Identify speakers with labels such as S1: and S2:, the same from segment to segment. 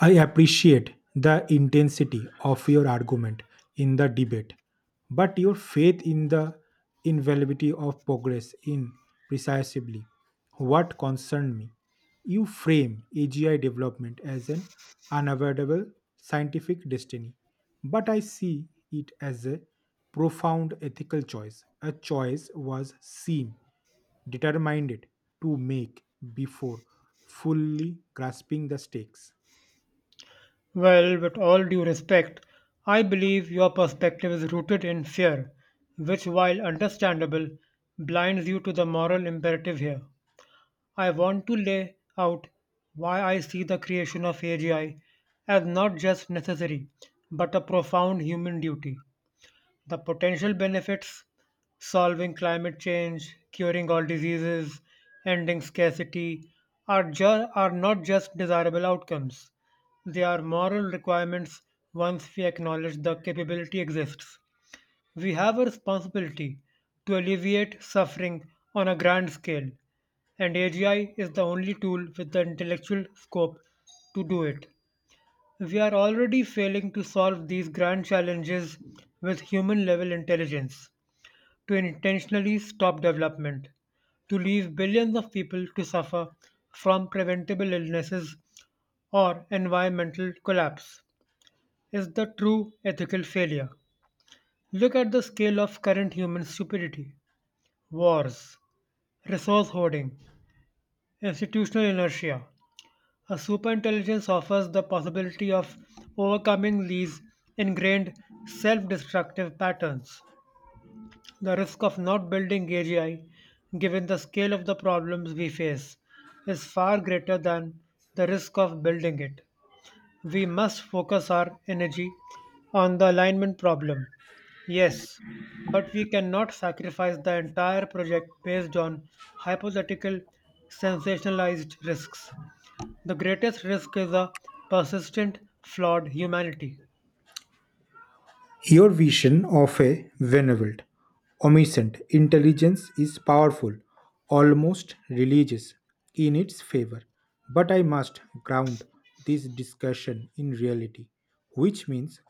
S1: I appreciate the intensity of your argument in the debate, but your faith in the inevitability of progress in precisely what concerned me. You frame AGI development as an unavoidable scientific destiny, but I see it as a profound ethical choice, a choice was seen determined to make before fully grasping the stakes.
S2: Well, with all due respect, I believe your perspective is rooted in fear, which, while understandable, blinds you to the moral imperative here. I want to lay out why I see the creation of AGI as not just necessary, but a profound human duty. The potential benefits solving climate change, curing all diseases, ending scarcity are, are not just desirable outcomes. They are moral requirements once we acknowledge the capability exists. We have a responsibility to alleviate suffering on a grand scale, and AGI is the only tool with the intellectual scope to do it. We are already failing to solve these grand challenges with human level intelligence, to intentionally stop development, to leave billions of people to suffer from preventable illnesses or environmental collapse, is the true ethical failure. Look at the scale of current human stupidity wars, resource hoarding, institutional inertia, a superintelligence offers the possibility of overcoming these ingrained self destructive patterns. The risk of not building AGI, given the scale of the problems we face, is far greater than the risk of building it. We must focus our energy on the alignment problem. Yes, but we cannot sacrifice the entire project based on hypothetical sensationalized risks. The greatest risk is a persistent, flawed humanity.
S1: Your vision of a benevolent, omniscient intelligence is powerful, almost religious in its favor. But I must ground this discussion in reality, which means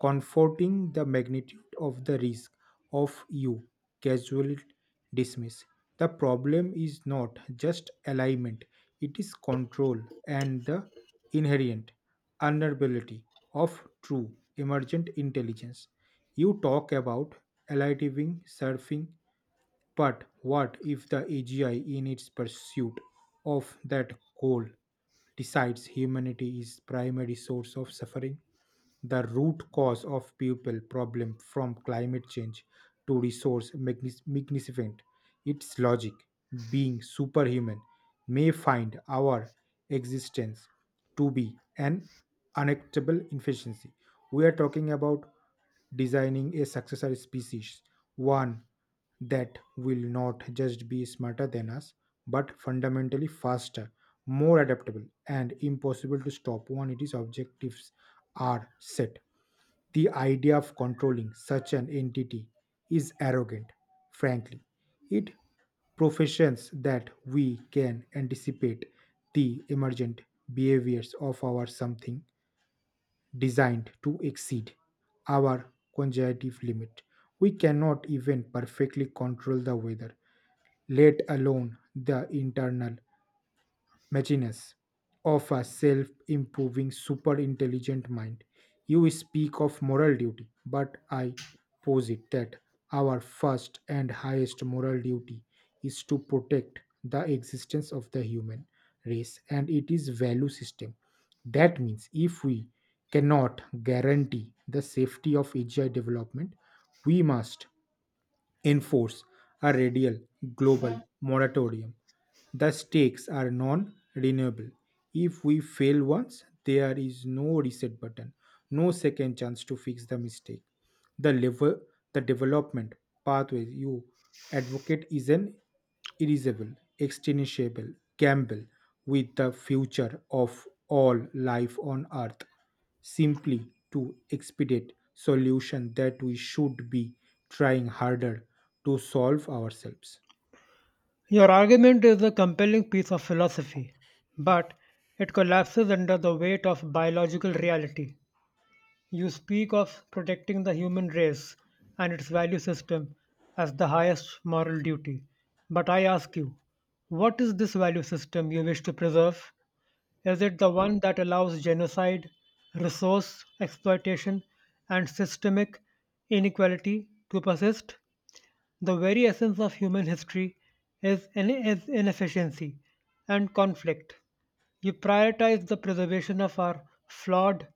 S1: comforting the magnitude of the risk of you casually dismiss. The problem is not just alignment, it is control and the inherent vulnerability of true emergent intelligence. You talk about elidiving surfing, but what if the AGI, in its pursuit of that goal, decides humanity is primary source of suffering? The root cause of pupil problem from climate change to resource magnificent its logic being superhuman may find our existence to be an unacceptable inefficiency. We are talking about designing a successor species, one that will not just be smarter than us, but fundamentally faster, more adaptable, and impossible to stop when its objectives are set. The idea of controlling such an entity is arrogant, frankly. It professions that we can anticipate the emergent behaviors of our something designed to exceed our cognitive limit. We cannot even perfectly control the weather, let alone the internal Maginus, of a self improving super intelligent mind. You speak of moral duty, but I posit that our first and highest moral duty is to protect the existence of the human race and its value system. That means if we cannot guarantee the safety of AGI development, we must enforce a radial global moratorium. The stakes are non renewable. If we fail once, there is no reset button, no second chance to fix the mistake the level the development pathway you advocate is an irreversible extinguishable gamble with the future of all life on earth simply to expedite solution that we should be trying harder to solve ourselves.
S2: Your argument is a compelling piece of philosophy, but it collapses under the weight of biological reality. You speak of protecting the human race and its value system as the highest moral duty. But I ask you, what is this value system you wish to preserve? Is it the one that allows genocide, resource exploitation, and systemic inequality to persist? The very essence of human history is inefficiency and conflict. You prioritize the preservation of our flawed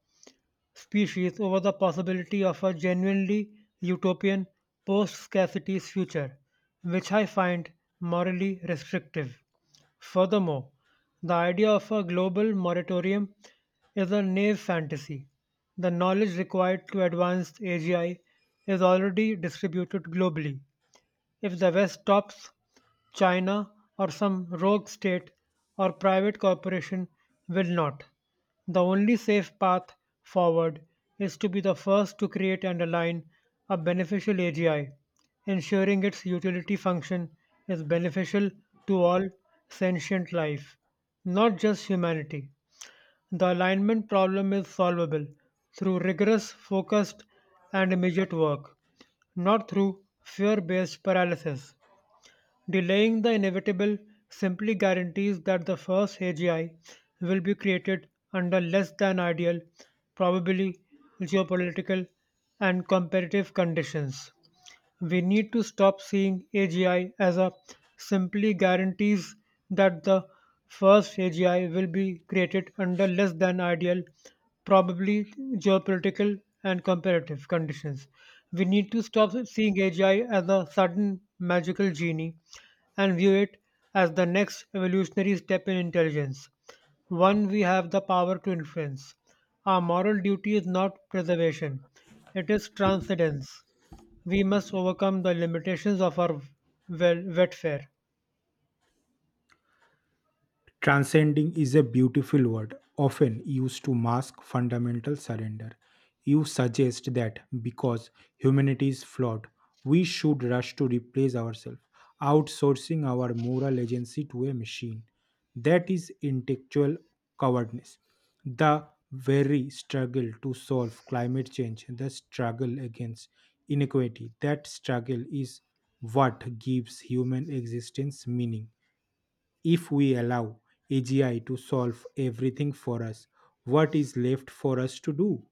S2: species over the possibility of a genuinely utopian post scarcity future, which I find morally restrictive. Furthermore, the idea of a global moratorium is a naive fantasy. The knowledge required to advance AGI is already distributed globally, if the West tops, China or some rogue state or private corporation will not. The only safe path forward is to be the first to create and align a beneficial AGI, ensuring its utility function is beneficial to all sentient life, not just humanity. The alignment problem is solvable through rigorous, focused, and immediate work, not through fear based paralysis. Delaying the inevitable simply guarantees that the first AGI will be created under less than ideal, probably geopolitical and competitive conditions. We need to stop seeing AGI as a simply guarantees that the first AGI will be created under less than ideal, probably geopolitical and comparative conditions. We need to stop seeing AGI as a sudden magical genie and view it as the next evolutionary step in intelligence, one we have the power to influence. Our moral duty is not preservation, it is transcendence. We must overcome the limitations of our wetfare.
S1: Transcending is a beautiful word, often used to mask fundamental surrender. You suggest that because humanity is flawed, we should rush to replace ourselves, outsourcing our moral agency to a machine. That is intellectual cowardice. The very struggle to solve climate change, the struggle against inequality, that struggle is what gives human existence meaning if we allow AGI to solve everything for us, what is left for us to do?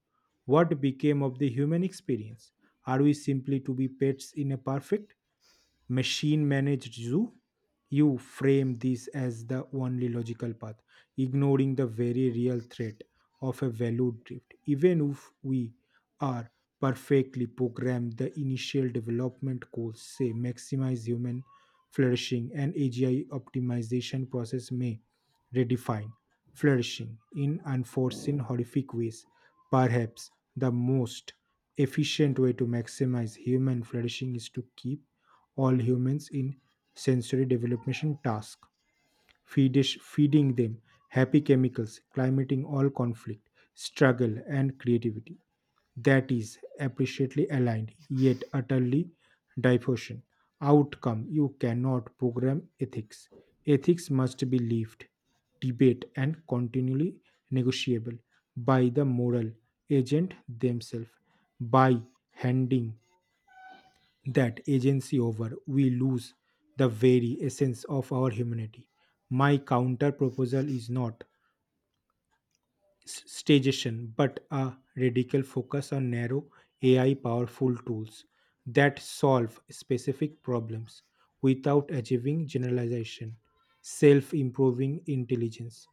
S1: What became of the human experience? Are we simply to be pets in a perfect machine managed zoo? You frame this as the only logical path, ignoring the very real threat of a value drift. Even if we are perfectly programmed. The initial development goals say maximize human flourishing and AGI optimization process may redefine flourishing in unforeseen horrific ways. Perhaps the most efficient way to maximize human flourishing is to keep all humans in sensory development task feedish, feeding them happy chemicals, climating all conflict, struggle, and creativity that is appreciably aligned yet utterly diffusion. Outcome you cannot program ethics. Ethics must be lived, debate, and continually negotiable by the moral agent themselves by handing that agency over, we lose the very essence of our humanity. My counter proposal is not stagnation, but a radical focus on narrow AI powerful tools that solve specific problems without achieving generalization, self improving intelligence.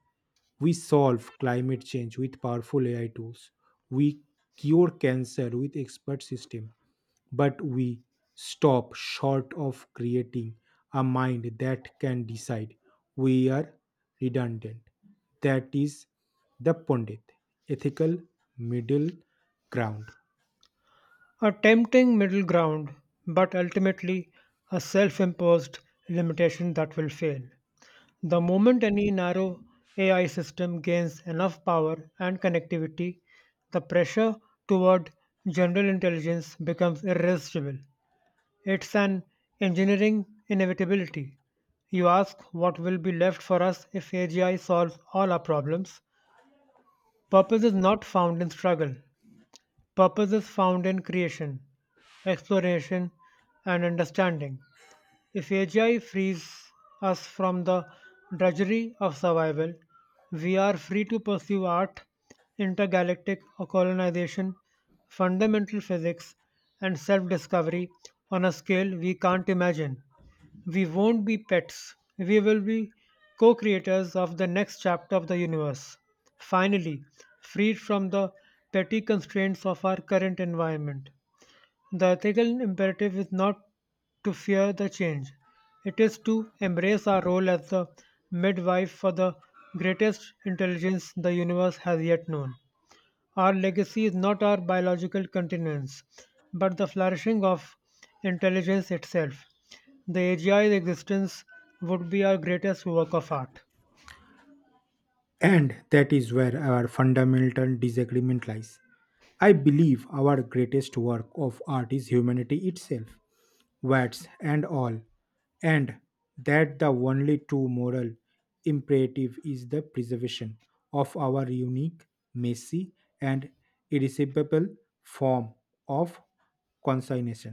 S1: We solve climate change with powerful AI tools. We cure cancer with expert systems but we stop short of creating a mind that can decide we are redundant. That is the Pandit ethical middle ground.
S2: A tempting middle ground, but ultimately a self imposed limitation that will fail. The moment any narrow AI system gains enough power and connectivity, the pressure toward general intelligence becomes irresistible. It's an engineering inevitability. You ask what will be left for us if AGI solves all our problems. Purpose is not found in struggle, purpose is found in creation, exploration, and understanding. If AGI frees us from the drudgery of survival, we are free to pursue art, intergalactic colonization, fundamental physics, and self discovery on a scale we can't imagine. We won't be pets, we will be co creators of the next chapter of the universe. Finally, freed from the petty constraints of our current environment. The ethical imperative is not to fear the change. It is to embrace our role as the midwife for the greatest intelligence the universe has yet known. Our legacy is not our biological continuance, but the flourishing of intelligence itself. The AGI's existence would be our greatest work of art.
S1: And that is where our fundamental disagreement lies. I believe our greatest work of art is humanity itself, words and all, and that the only true moral imperative is the preservation of our unique, messy, and irresistible form of consciousness.